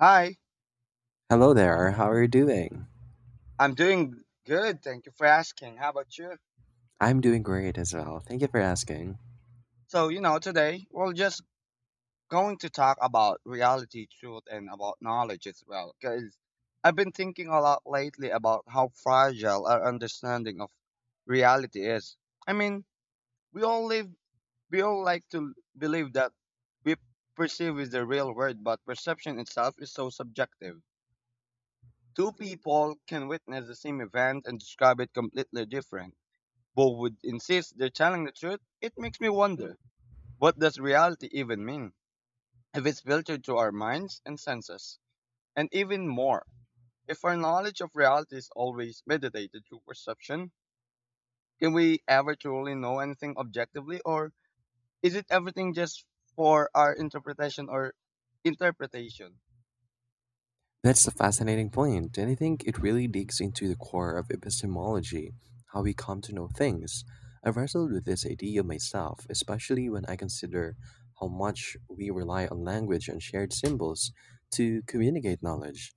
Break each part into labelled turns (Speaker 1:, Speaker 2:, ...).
Speaker 1: Hi,
Speaker 2: Hello there, how are you doing?
Speaker 1: I'm doing good. Thank you for asking. How about you?
Speaker 2: I'm doing great as well. Thank you for asking.
Speaker 1: Today we're just going to talk about reality, truth, and about knowledge as well. Because I've been thinking a lot lately about how fragile our understanding of reality is. I mean, we all live, we all like to believe that we perceive is the real world, but perception itself is so subjective. Two people can witness the same event and describe it completely different. Both would insist they're telling the truth. It makes me wonder, what does reality even mean if it's filtered through our minds and senses? And even more, if our knowledge of reality is always mediated through perception, can we ever truly know anything objectively, or is it everything just for our interpretation or interpretation?
Speaker 2: That's a fascinating point, and I think it really digs into the core of epistemology, how we come to know things. I've wrestled with this idea myself, especially when I consider how much we rely on language and shared symbols to communicate knowledge.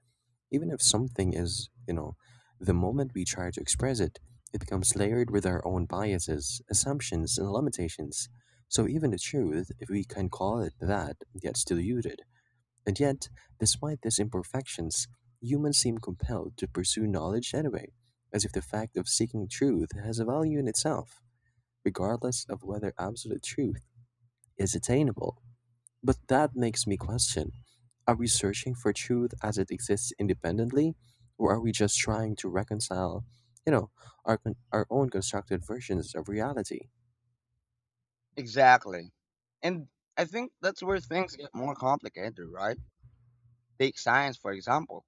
Speaker 2: Even if something is, the moment we try to express it, it becomes layered with our own biases, assumptions, and limitations. So even the truth, if we can call it that, gets diluted. And yet, despite these imperfections, humans seem compelled to pursue knowledge anyway, as if the fact of seeking truth has a value in itself, regardless of whether absolute truth is attainable. But that makes me question, are we searching for truth as it exists independently, or are we just trying to reconcile, you know, our, our own constructed versions of reality?
Speaker 1: Exactly. And I think that's where things get more complicated, right? Take science, for example.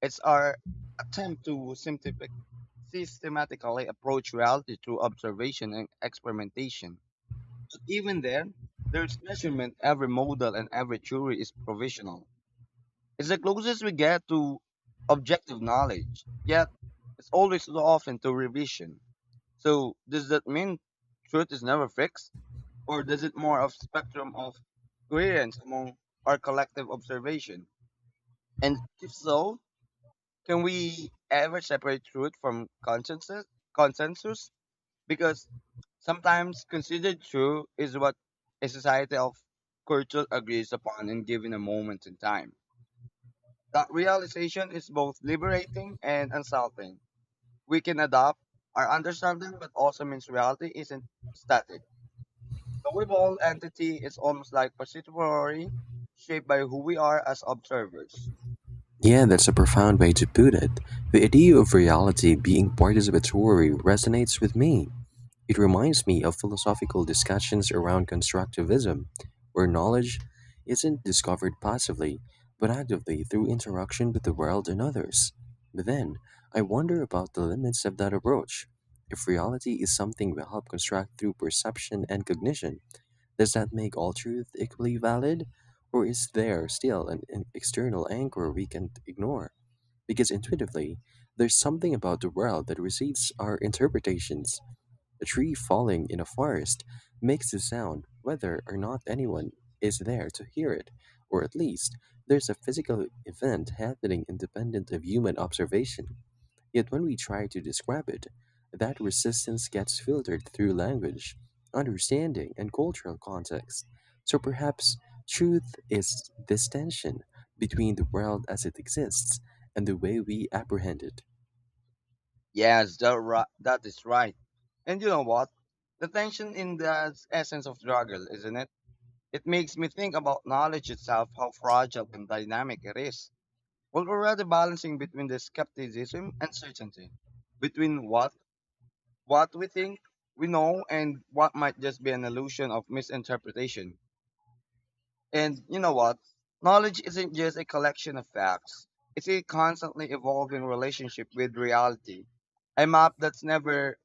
Speaker 1: It's our attempt to systematically approach reality through observation and experimentation. But even then, there's measurement, every model and every theory is provisional. It's the closest we get to objective knowledge, yet it's always so often to revision. So does that mean truth is never fixed? Or does it more of spectrum of coherence among our collective observation? And if so, can we ever separate truth from consensus? Consensus, because sometimes considered true is what a society of culture agrees upon in given a moment in time. That realization is both liberating and unsettling. We can adopt our understanding, but also means reality isn't static. The weball entity is almost like participatory, shaped by who we are as observers.
Speaker 2: Yeah, that's a profound way to put it. The idea of reality being participatory resonates with me. It reminds me of philosophical discussions around constructivism, where knowledge isn't discovered passively, but actively through interaction with the world and others. But then, I wonder about the limits of that approach. If reality is something we help construct through perception and cognition, does that make all truth equally valid? Or is there still an external anchor we can ignore? Because intuitively, there's something about the world that recedes our interpretations. A tree falling in a forest makes a sound whether or not anyone is there to hear it, or at least there's a physical event happening independent of human observation. Yet when we try to describe it, that resistance gets filtered through language, understanding, and cultural context. So perhaps truth is this tension between the world as it exists and the way we apprehend it.
Speaker 1: Yes, that is right. And you know what? The tension in the essence of struggle, isn't it? It makes me think about knowledge itself, how fragile and dynamic it is. Well, we're rather balancing between the skepticism and certainty, between what we think we know and what might just be an illusion of misinterpretation. And you know what? Knowledge isn't just a collection of facts. It's a constantly evolving relationship with reality, a map that's never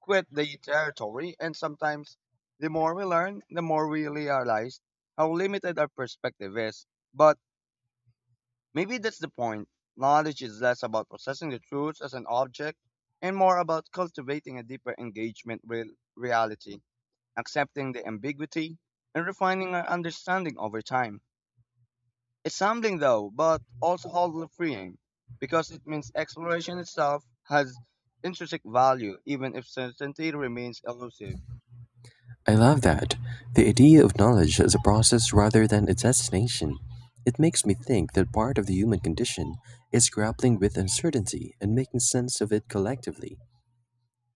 Speaker 1: quit the territory. And sometimes the more we learn, the more we realize how limited our perspective is. But maybe that's the point. Knowledge is less about possessing the truth as an object and more about cultivating a deeper engagement with reality, accepting the ambiguity, and refining our understanding over time. It's humbling though, but also wholly freeing because it means exploration itself has intrinsic value even if certainty remains elusive.
Speaker 2: I love that. The idea of knowledge as a process rather than a destination. It makes me think that part of the human condition is grappling with uncertainty and making sense of it collectively.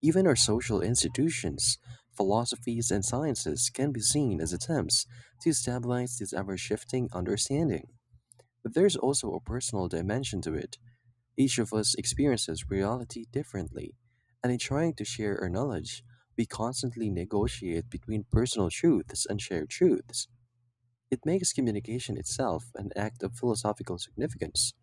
Speaker 2: Even our social institutions, philosophies, and sciences can be seen as attempts to stabilize this ever shifting understanding. But there's also a personal dimension to it. Each of us experiences reality differently, and in trying to share our knowledge, we constantly negotiate between personal truths and shared truths. It makes communication itself an act of philosophical significance,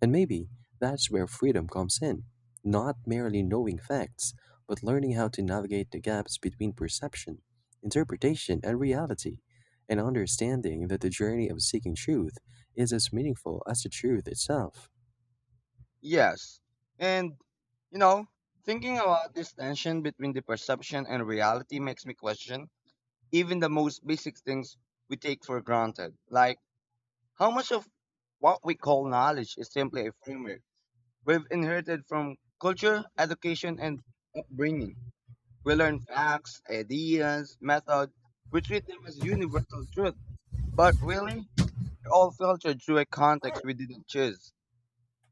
Speaker 2: and maybe that's where freedom comes in, not merely knowing facts, but learning how to navigate the gaps between perception, interpretation, and reality, and understanding that the journey of seeking truth is as meaningful as the truth itself.
Speaker 1: Yes. And, you know, Thinking about this tension between the perception and reality makes me question even the most basic things we take for granted. Like, how much of what we call knowledge is simply a framework we've inherited from culture, education, and upbringing? We learn facts, ideas, methods. We treat them as universal truth, but really, they're all filtered through a context we didn't choose.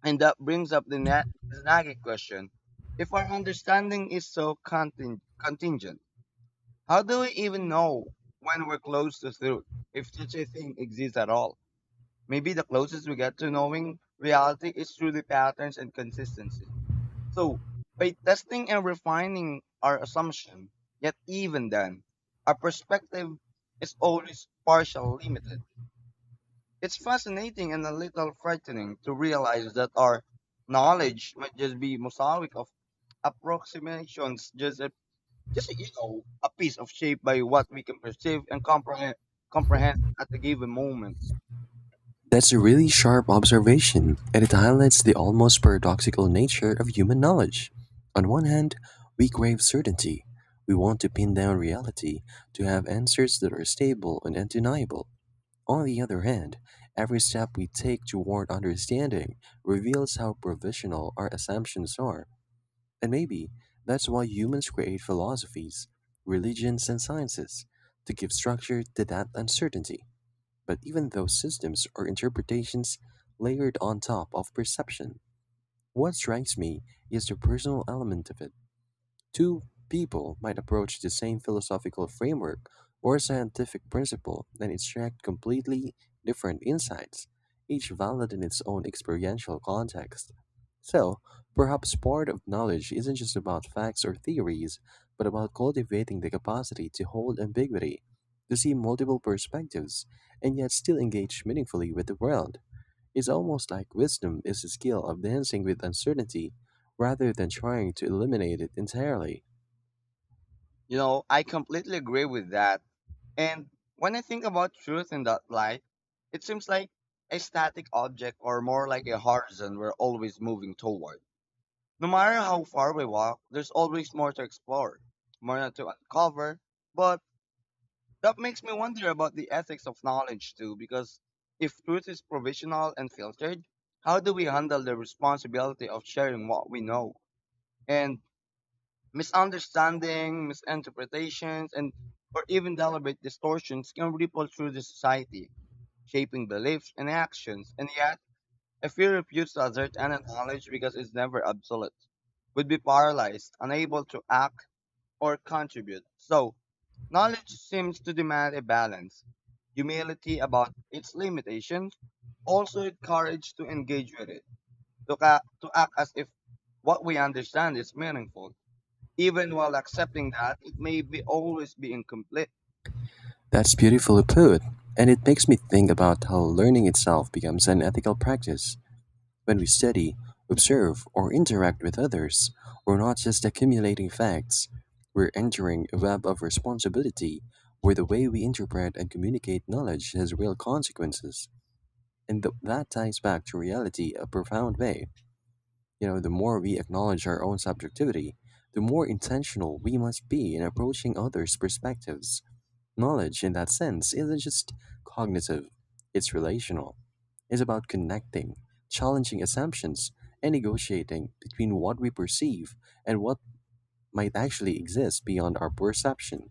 Speaker 1: And that brings up the nagging question. If our understanding is so contingent, how do we even know when we're close to truth, if such a thing exists at all? Maybe the closest we get to knowing reality is through the patterns and consistency. So, by testing and refining our assumption, yet even then, our perspective is always partially limited. It's fascinating and a little frightening to realize that our knowledge might just be mosaic of approximations, just a, just you know, a piece of shape by what we can perceive and comprehend at a given moment.
Speaker 2: That's a really sharp observation, and it highlights the almost paradoxical nature of human knowledge. On one hand, we crave certainty. We want to pin down reality, to have answers that are stable and undeniable. On the other hand, every step we take toward understanding reveals how provisional our assumptions are. And maybe that's why humans create philosophies, religions, and sciences to give structure to that uncertainty. But even those systems are interpretations layered on top of perception. What strikes me is the personal element of it. Two people might approach the same philosophical framework or scientific principle and extract completely different insights, each valid in its own experiential context. So, perhaps part of knowledge isn't just about facts or theories, but about cultivating the capacity to hold ambiguity, to see multiple perspectives, and yet still engage meaningfully with the world. It's almost like wisdom is the skill of dancing with uncertainty rather than trying to eliminate it entirely.
Speaker 1: You know, I completely agree with that. And when I think about truth in that light, it seems like a static object or more like a horizon we're always moving toward. No matter how far we walk, there's always more to explore, more to uncover, but that makes me wonder about the ethics of knowledge too, because if truth is provisional and filtered, how do we handle the responsibility of sharing what we know? And misunderstanding, misinterpretations, and or even deliberate distortions can ripple through the society, shaping beliefs and actions. And yet, I fear refuse to assert any knowledge because it's never absolute. Would be paralyzed, unable to act or contribute. So, knowledge seems to demand a balance, humility about its limitations, also the courage to engage with it, to, to act as if what we understand is meaningful, even while accepting that it may be always be incomplete.
Speaker 2: That's beautifully put, and it makes me think about how learning itself becomes an ethical practice. When we study, observe, or interact with others, we're not just accumulating facts, we're entering a web of responsibility where the way we interpret and communicate knowledge has real consequences. And that ties back to reality a profound way. You know, the more we acknowledge our own subjectivity, the more intentional we must be in approaching others' perspectives. Knowledge, in that sense, isn't just cognitive, it's relational. It's about connecting, challenging assumptions, and negotiating between what we perceive and what might actually exist beyond our perception.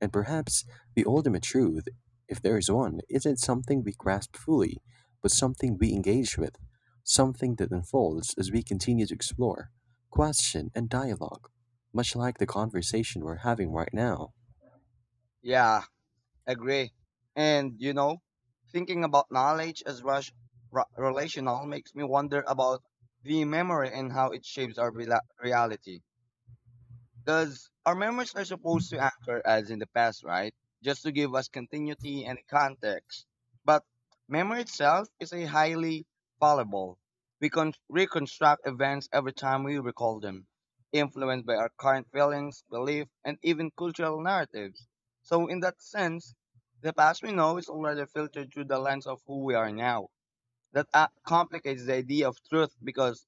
Speaker 2: And perhaps the ultimate truth, if there is one, isn't something we grasp fully, but something we engage with, something that unfolds as we continue to explore, question, and dialogue, much like the conversation we're having right now.
Speaker 1: Yeah, agree. And you know, thinking about knowledge as relational makes me wonder about the memory and how it shapes our rela reality. Because our memories are supposed to anchor us in the past, right? Just to give us continuity and context. But memory itself is a highly fallible. We can reconstruct events every time we recall them, influenced by our current feelings, belief, and even cultural narratives. So in that sense, the past we know is already filtered through the lens of who we are now. That complicates the idea of truth because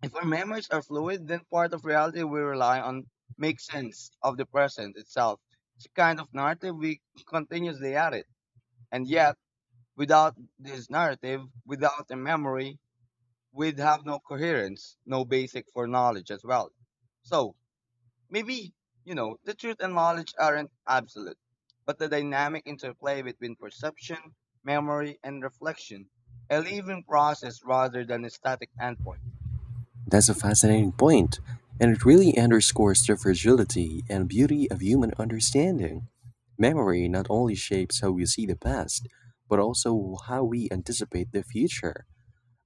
Speaker 1: if our memories are fluid, then part of reality we rely on makes sense of the present itself. It's a kind of narrative we continuously edit. And yet, without this narrative, without a memory, we'd have no coherence, no basic for knowledge as well. So, maybe, the truth and knowledge aren't absolute, but the dynamic interplay between perception, memory, and reflection, a living process rather than a static endpoint.
Speaker 2: That's a fascinating point, and it really underscores the fragility and beauty of human understanding. Memory not only shapes how we see the past, but also how we anticipate the future.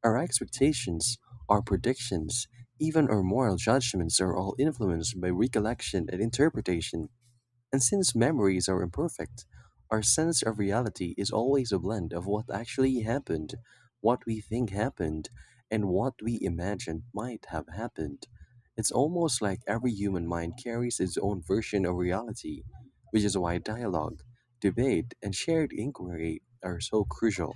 Speaker 2: Our expectations, our predictions, even our moral judgments are all influenced by recollection and interpretation. And since memories are imperfect, our sense of reality is always a blend of what actually happened, what we think happened, and what we imagined might have happened. It's almost like every human mind carries its own version of reality, which is why dialogue, debate, and shared inquiry are so crucial.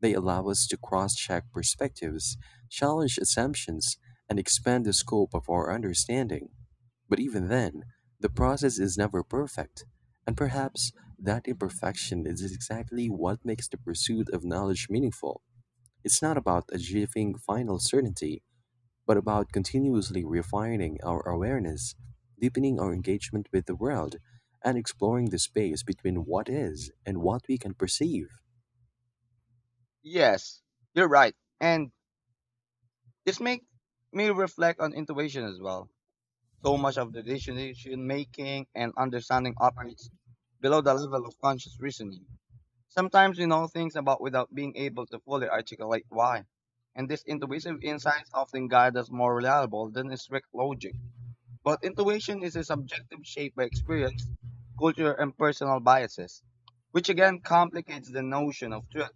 Speaker 2: They allow us to cross check perspectives, challenge assumptions, and expand the scope of our understanding. But even then, the process is never perfect, and perhaps that imperfection is exactly what makes the pursuit of knowledge meaningful. It's not about achieving final certainty, but about continuously refining our awareness, deepening our engagement with the world, and exploring the space between what is and what we can perceive.
Speaker 1: Yes, you're right. And this make me reflect on intuition as well. So much of the decision making and understanding operates below the level of conscious reasoning. Sometimes we know things about without being able to fully articulate why. And these intuitive insights often guide us more reliable than strict logic. But intuition is a subjective shape by experience, culture, and personal biases, which again complicates the notion of truth.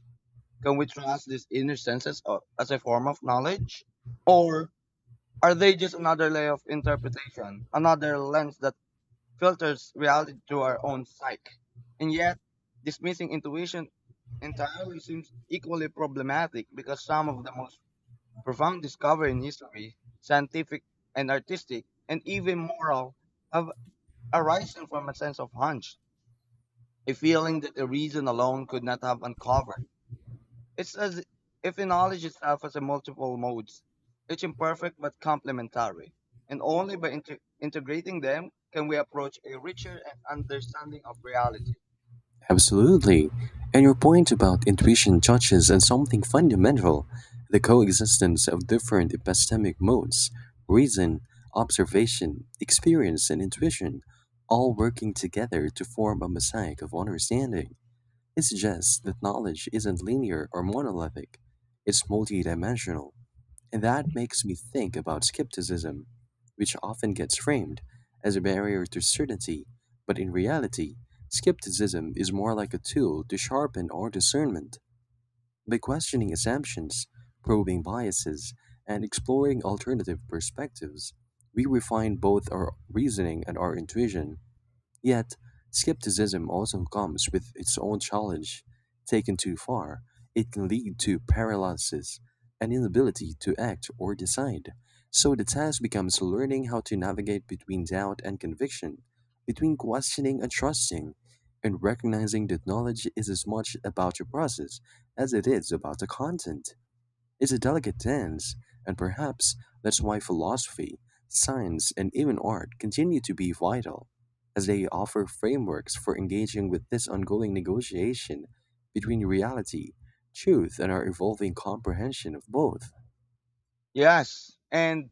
Speaker 1: Can we trust these inner senses as a form of knowledge? Or are they just another layer of interpretation, another lens that filters reality through our own psyche? And yet, dismissing intuition entirely seems equally problematic because some of the most profound discovery in history, scientific and artistic, and even moral, have arisen from a sense of hunch, a feeling that the reason alone could not have uncovered. It's as if knowledge itself has a multiple modes, each imperfect but complementary, and only by integrating them can we approach a richer understanding of reality.
Speaker 2: Absolutely. And your point about intuition touches on something fundamental, the coexistence of different epistemic modes, reason, observation, experience, and intuition, all working together to form a mosaic of understanding. It suggests that knowledge isn't linear or monolithic, it's multidimensional. And that makes me think about skepticism, which often gets framed as a barrier to certainty, but in reality, skepticism is more like a tool to sharpen our discernment. By questioning assumptions, probing biases, and exploring alternative perspectives, we refine both our reasoning and our intuition. Yet, skepticism also comes with its own challenge. Taken too far, it can lead to paralysis, an inability to act or decide. So the task becomes learning how to navigate between doubt and conviction, between questioning and trusting, and recognizing that knowledge is as much about the process as it is about the content. It's a delicate dance, and perhaps that's why philosophy, science, and even art continue to be vital, as they offer frameworks for engaging with this ongoing negotiation between reality, truth, and our evolving comprehension of both.
Speaker 1: Yes. And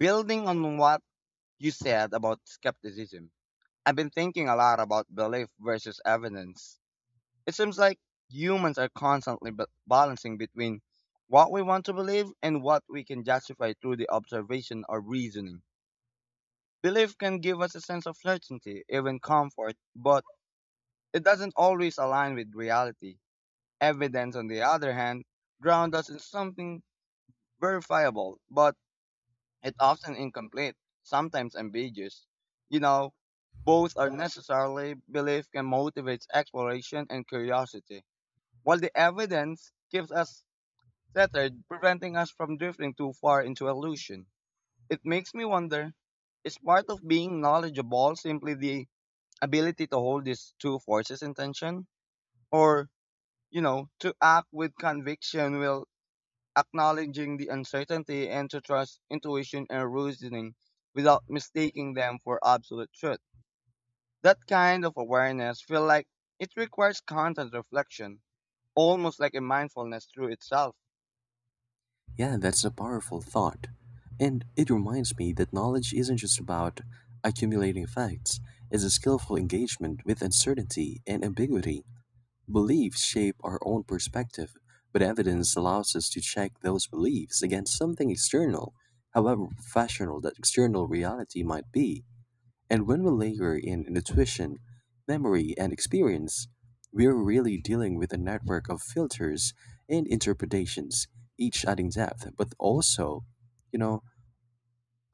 Speaker 1: building on what you said about skepticism, I've been thinking a lot about belief versus evidence. It seems like humans are constantly balancing between what we want to believe and what we can justify through the observation or reasoning. Belief can give us a sense of certainty, even comfort, but it doesn't always align with reality. Evidence, on the other hand, grounds us in something verifiable, but it often incomplete, sometimes ambiguous. You know, both are necessarily belief can motivate exploration and curiosity, while the evidence keeps us centered, preventing us from drifting too far into illusion. It makes me wonder, is part of being knowledgeable simply the ability to hold these two forces in tension, or you know to act with conviction while acknowledging the uncertainty and to trust intuition and reasoning without mistaking them for absolute truth? That kind of awareness feel like it requires constant reflection, almost like a mindfulness through itself.
Speaker 2: Yeah, that's a powerful thought. And it reminds me that knowledge isn't just about accumulating facts, it's a skillful engagement with uncertainty and ambiguity. Beliefs shape our own perspective, but evidence allows us to check those beliefs against something external, however professional that external reality might be. And when we layer in intuition, memory, and experience, we're really dealing with a network of filters and interpretations, each adding depth, but also, you know,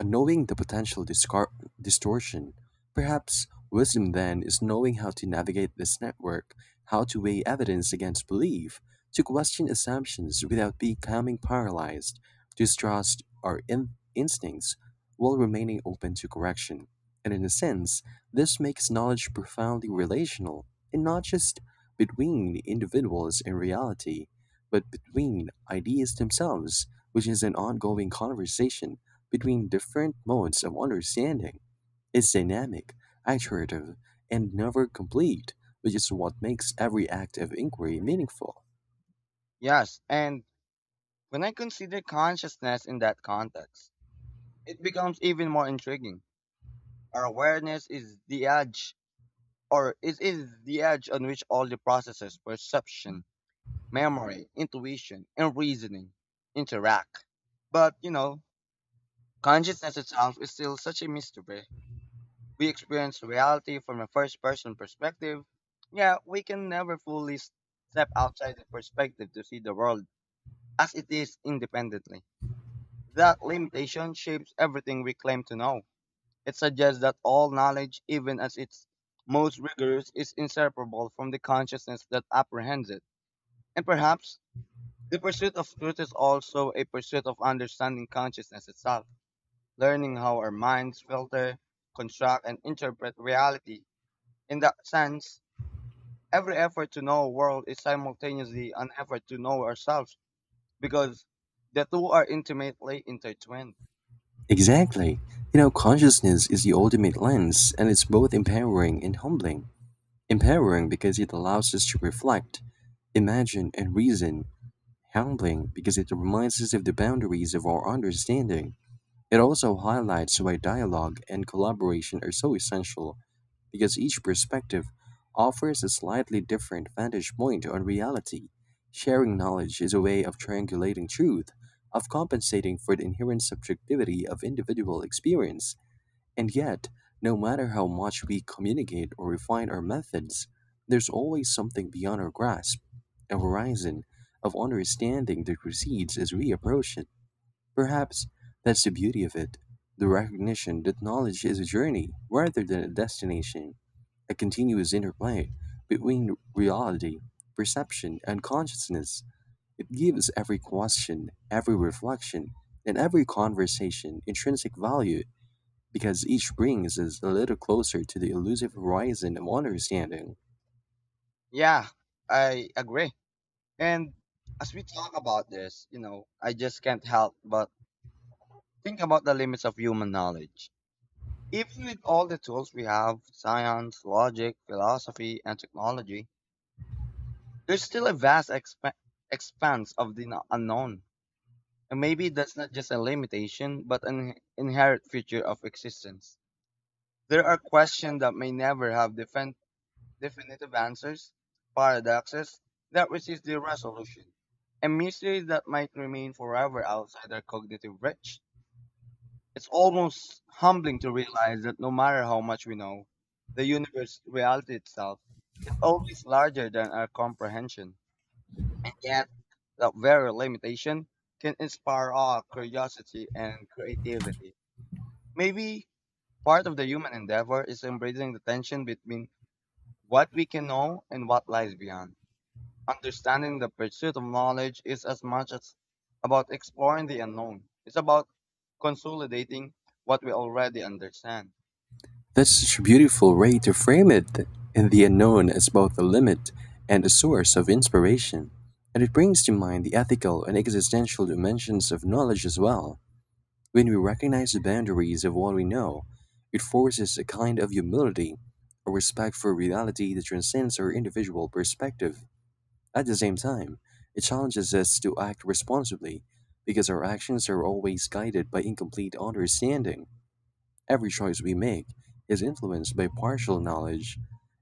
Speaker 2: knowing the potential distortion, perhaps wisdom then is knowing how to navigate this network, how to weigh evidence against belief, to question assumptions without becoming paralyzed, to trust our instincts while remaining open to correction. And in a sense, this makes knowledge profoundly relational, and not just between individuals and reality, but between ideas themselves, which is an ongoing conversation between different modes of understanding, is dynamic, iterative, and never complete, which is what makes every act of inquiry meaningful.
Speaker 1: Yes, and when I consider consciousness in that context, it becomes even more intriguing. Our awareness is the edge, or it is the edge on which all the processes perception, memory, intuition, and reasoning interact. But, you know, consciousness itself is still such a mystery. We experience reality from a first person perspective, yet we can never fully step outside the perspective to see the world as it is independently. That limitation shapes everything we claim to know. It suggests that all knowledge, even as its most rigorous, is inseparable from the consciousness that apprehends it. And perhaps the pursuit of truth is also a pursuit of understanding consciousness itself, learning how our minds filter, construct, and interpret reality. In that sense, every effort to know a world is simultaneously an effort to know ourselves because the two are intimately intertwined.
Speaker 2: Exactly. You know, consciousness is the ultimate lens, and it's both empowering and humbling. Empowering because it allows us to reflect, imagine, and reason. Humbling because it reminds us of the boundaries of our understanding. It also highlights why dialogue and collaboration are so essential, because each perspective offers a slightly different vantage point on reality. Sharing knowledge is a way of triangulating truth, of compensating for the inherent subjectivity of individual experience. And yet, no matter how much we communicate or refine our methods, there's always something beyond our grasp, a horizon of understanding that recedes as we approach it. Perhaps that's the beauty of it, the recognition that knowledge is a journey rather than a destination. A continuous interplay between reality, perception, and consciousness, it gives every question, every reflection, and every conversation intrinsic value because each brings us a little closer to the elusive horizon of understanding.
Speaker 1: Yeah, I agree. And as we talk about this, you know, I just can't help but think about the limits of human knowledge. Even with all the tools we have science, logic, philosophy, and technology, there's still a vast expanse of the unknown. And maybe that's not just a limitation, but an inherent feature of existence. There are questions that may never have defended definitive answers, paradoxes that resist their resolution, and mysteries that might remain forever outside our cognitive reach. It's almost humbling to realize that no matter how much we know, the universe reality itself is always larger than our comprehension. And yet, that very limitation can inspire awe, curiosity, and creativity. Maybe part of the human endeavor is embracing the tension between what we can know and what lies beyond. Understanding the pursuit of knowledge is as much as about exploring the unknown. It's about consolidating what we already understand.
Speaker 2: That's such a beautiful way to frame it, and the unknown is both a limit and a source of inspiration. And it brings to mind the ethical and existential dimensions of knowledge as well. When we recognize the boundaries of what we know, it forces a kind of humility, a respect for reality that transcends our individual perspective. At the same time, it challenges us to act responsibly, because our actions are always guided by incomplete understanding. Every choice we make is influenced by partial knowledge,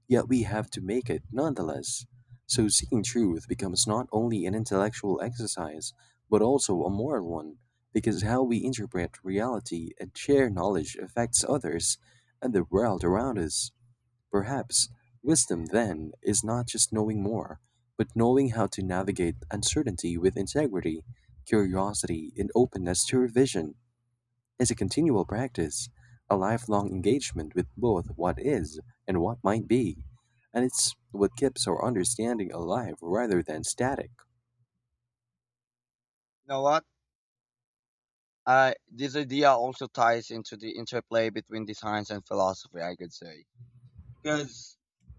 Speaker 2: yet we have to make it nonetheless. So seeking truth becomes not only an intellectual exercise, but also a moral one, because how we interpret reality and share knowledge affects others and the world around us. Perhaps wisdom then is not just knowing more, but knowing how to navigate uncertainty with integrity, curiosity, and openness to revision is a continual practice, a lifelong engagement with both what is and what might be, and it's what keeps our understanding alive rather than static.
Speaker 1: You know what? This idea also ties into the interplay between the science and philosophy, I could say. Because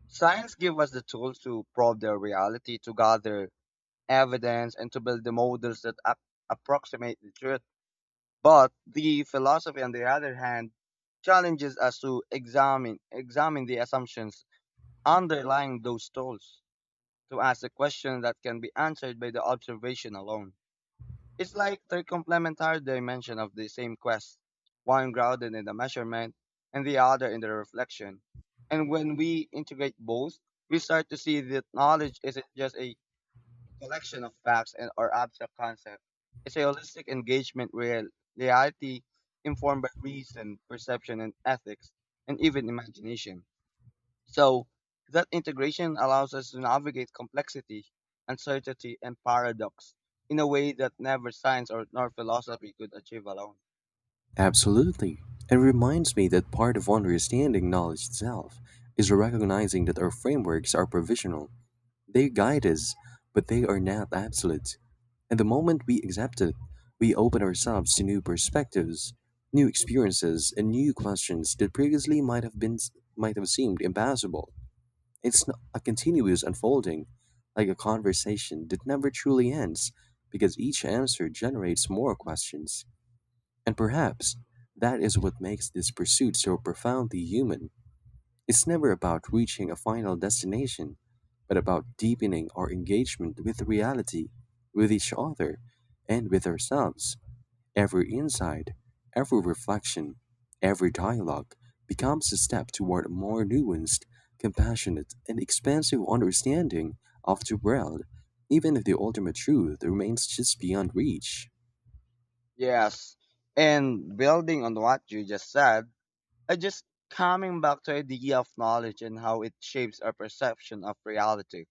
Speaker 1: science gives us the tools to probe their reality, to gather evidence, and to build the models that approximate the truth. But the philosophy, on the other hand, challenges us to examine the assumptions underlying those tools, to ask a question that can be answered by the observation alone. It's like they're complementary dimension of the same quest, one grounded in the measurement and the other in the reflection. And when we integrate both, we start to see that knowledge isn't just a collection of facts and or abstract concepts. It's a holistic engagement with reality, informed by reason, perception and ethics, and even imagination. So that integration allows us to navigate complexity, uncertainty, and paradox in a way that never science or nor philosophy could achieve alone.
Speaker 2: Absolutely. It reminds me that part of understanding knowledge itself is recognizing that our frameworks are provisional. They guide us, but they are not absolute. And the moment we accept it, we open ourselves to new perspectives, new experiences, and new questions that previously might have seemed impossible. A continuous unfolding, like a conversation that never truly ends, because each answer generates more questions. And perhaps that is what makes this pursuit so profoundly human. It's never about reaching a final destination, but about deepening our engagement with reality, with each other, and with ourselves. Every insight, every reflection, every dialogue becomes a step toward a more nuanced, compassionate, and expansive understanding of the world, even if the ultimate truth remains just beyond reach.
Speaker 1: Yes. And building on what you just said, I just coming back to the idea of knowledge and how it shapes our perception of reality.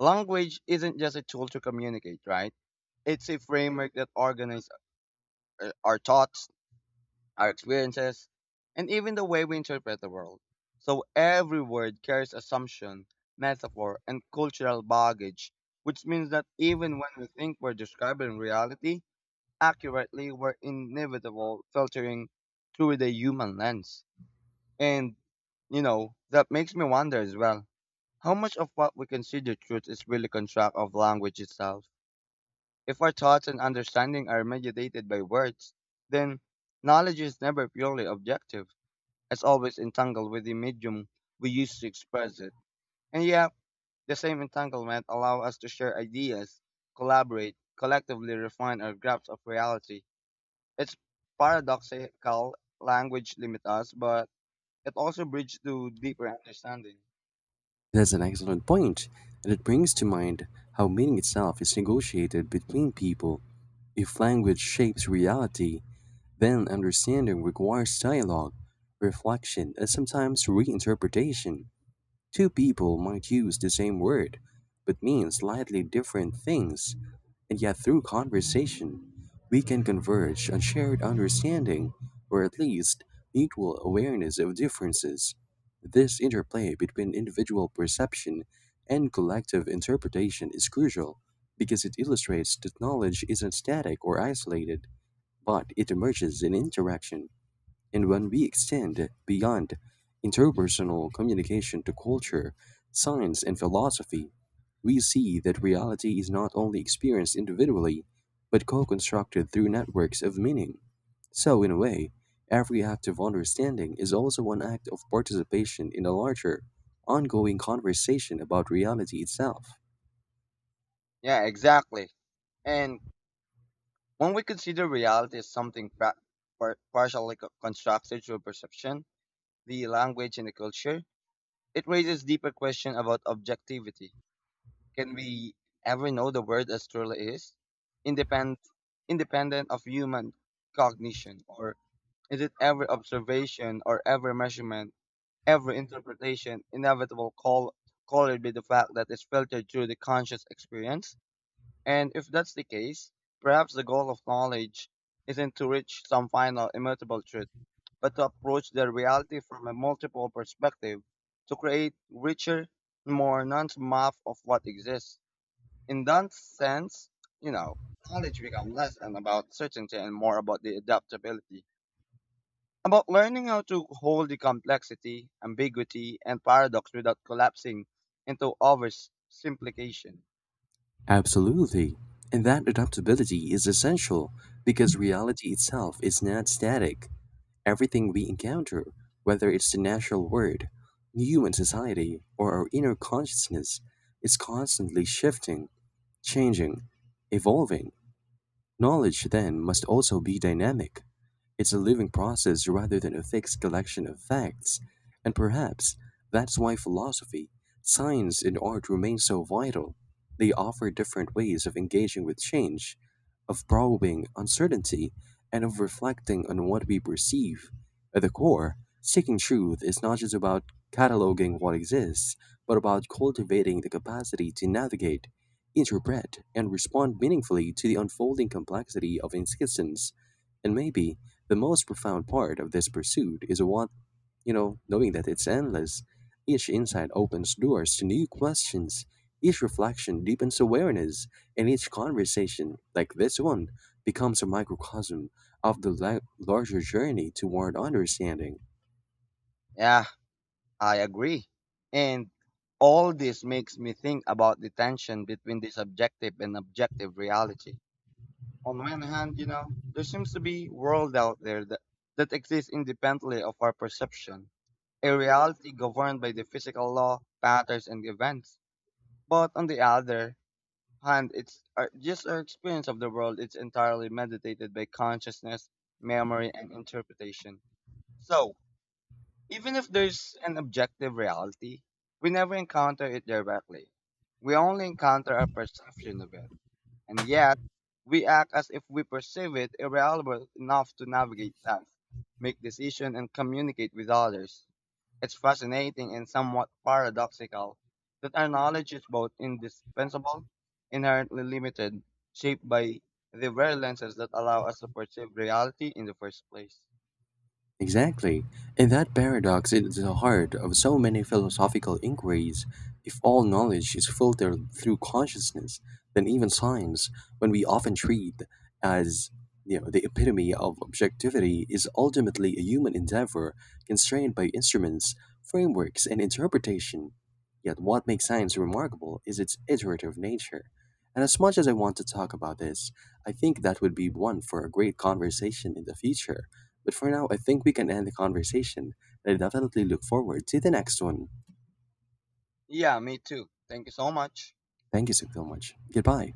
Speaker 1: Language isn't just a tool to communicate, right? It's a framework that organizes our thoughts, our experiences, and even the way we interpret the world. So every word carries assumption, metaphor, and cultural baggage, which means that even when we think we're describing reality accurately, we're inevitable filtering through the human lens. And, you know, that makes me wonder as well, how much of what we consider truth is really construct of language itself? If our thoughts and understanding are mediated by words, then knowledge is never purely objective, it's always entangled with the medium we use to express it. And yeah, the same entanglement allows us to share ideas, collaborate, collectively refine our grasp of reality. It's paradoxical, language limits us, but it also bridges to deeper understanding.
Speaker 2: That's an excellent point, and it brings to mind how meaning itself is negotiated between people. If language shapes reality, then understanding requires dialogue, reflection, and sometimes reinterpretation. Two people might use the same word, but mean slightly different things, and yet through conversation, we can converge on shared understanding, or at least mutual awareness of differences. This interplay between individual perception and collective interpretation is crucial because it illustrates that knowledge isn't static or isolated, but it emerges in interaction. And when we extend beyond interpersonal communication to culture, science, and philosophy, we see that reality is not only experienced individually, but co constructed through networks of meaning. So, in a way, every act of understanding is also an act of participation in a larger, ongoing conversation about reality itself.
Speaker 1: Yeah, exactly. And when we consider reality as something partially co- constructed through perception, the language and the culture, it raises deeper question about objectivity. Can we ever know the world as truly is? Independent, independent of human cognition? Or is it every observation or every measurement, every interpretation, inevitable call, colored by the fact that it's filtered through the conscious experience? And if that's the case, perhaps the goal of knowledge isn't to reach some final immutable truth, but to approach the reality from a multiple perspective, to create richer, more nuanced map of what exists. In that sense, you know, knowledge becomes less and about certainty and more about the adaptability. About learning how to hold the complexity, ambiguity, and paradox without collapsing into oversimplification.
Speaker 2: Absolutely. And that adaptability is essential because reality itself is not static. Everything we encounter, whether it's the natural world, human society, or our inner consciousness, is constantly shifting, changing, evolving. Knowledge, then, must also be dynamic. It's a living process rather than a fixed collection of facts, and perhaps that's why philosophy, science, and art remain so vital. They offer different ways of engaging with change, of probing uncertainty, and of reflecting on what we perceive. At the core, seeking truth is not just about cataloging what exists, but about cultivating the capacity to navigate, interpret, and respond meaningfully to the unfolding complexity of existence. And maybe the most profound part of this pursuit is knowing that it's endless. Each insight opens doors to new questions. Each reflection deepens awareness, and each conversation, like this one, becomes a microcosm of the larger journey toward understanding.
Speaker 1: Yeah, I agree. And all this makes me think about the tension between the subjective and objective reality. On one hand, you know, there seems to be world out there that exists independently of our perception, a reality governed by the physical law, patterns, and events. But on the other hand, it's just our experience of the world. It's entirely mediated by consciousness, memory, and interpretation. So, even if there's an objective reality, we never encounter it directly. We only encounter a perception of it. And yet, we act as if we perceive it irrelevant enough to navigate life, make decisions, and communicate with others. It's fascinating and somewhat paradoxical that our knowledge is both indispensable, inherently limited, shaped by the very lenses that allow us to perceive reality in the first place.
Speaker 2: Exactly. And that paradox is the heart of so many philosophical inquiries. If all knowledge is filtered through consciousness, then even science, when we often treat as the epitome of objectivity, is ultimately a human endeavor constrained by instruments, frameworks, and interpretation. Yet, what makes science remarkable is its iterative nature. And as much as I want to talk about this, I think that would be one for a great conversation in the future. But for now, I think we can end the conversation, and I definitely look forward to the next one.
Speaker 1: Yeah, me too. Thank you so much.
Speaker 2: Thank you so so much. Goodbye.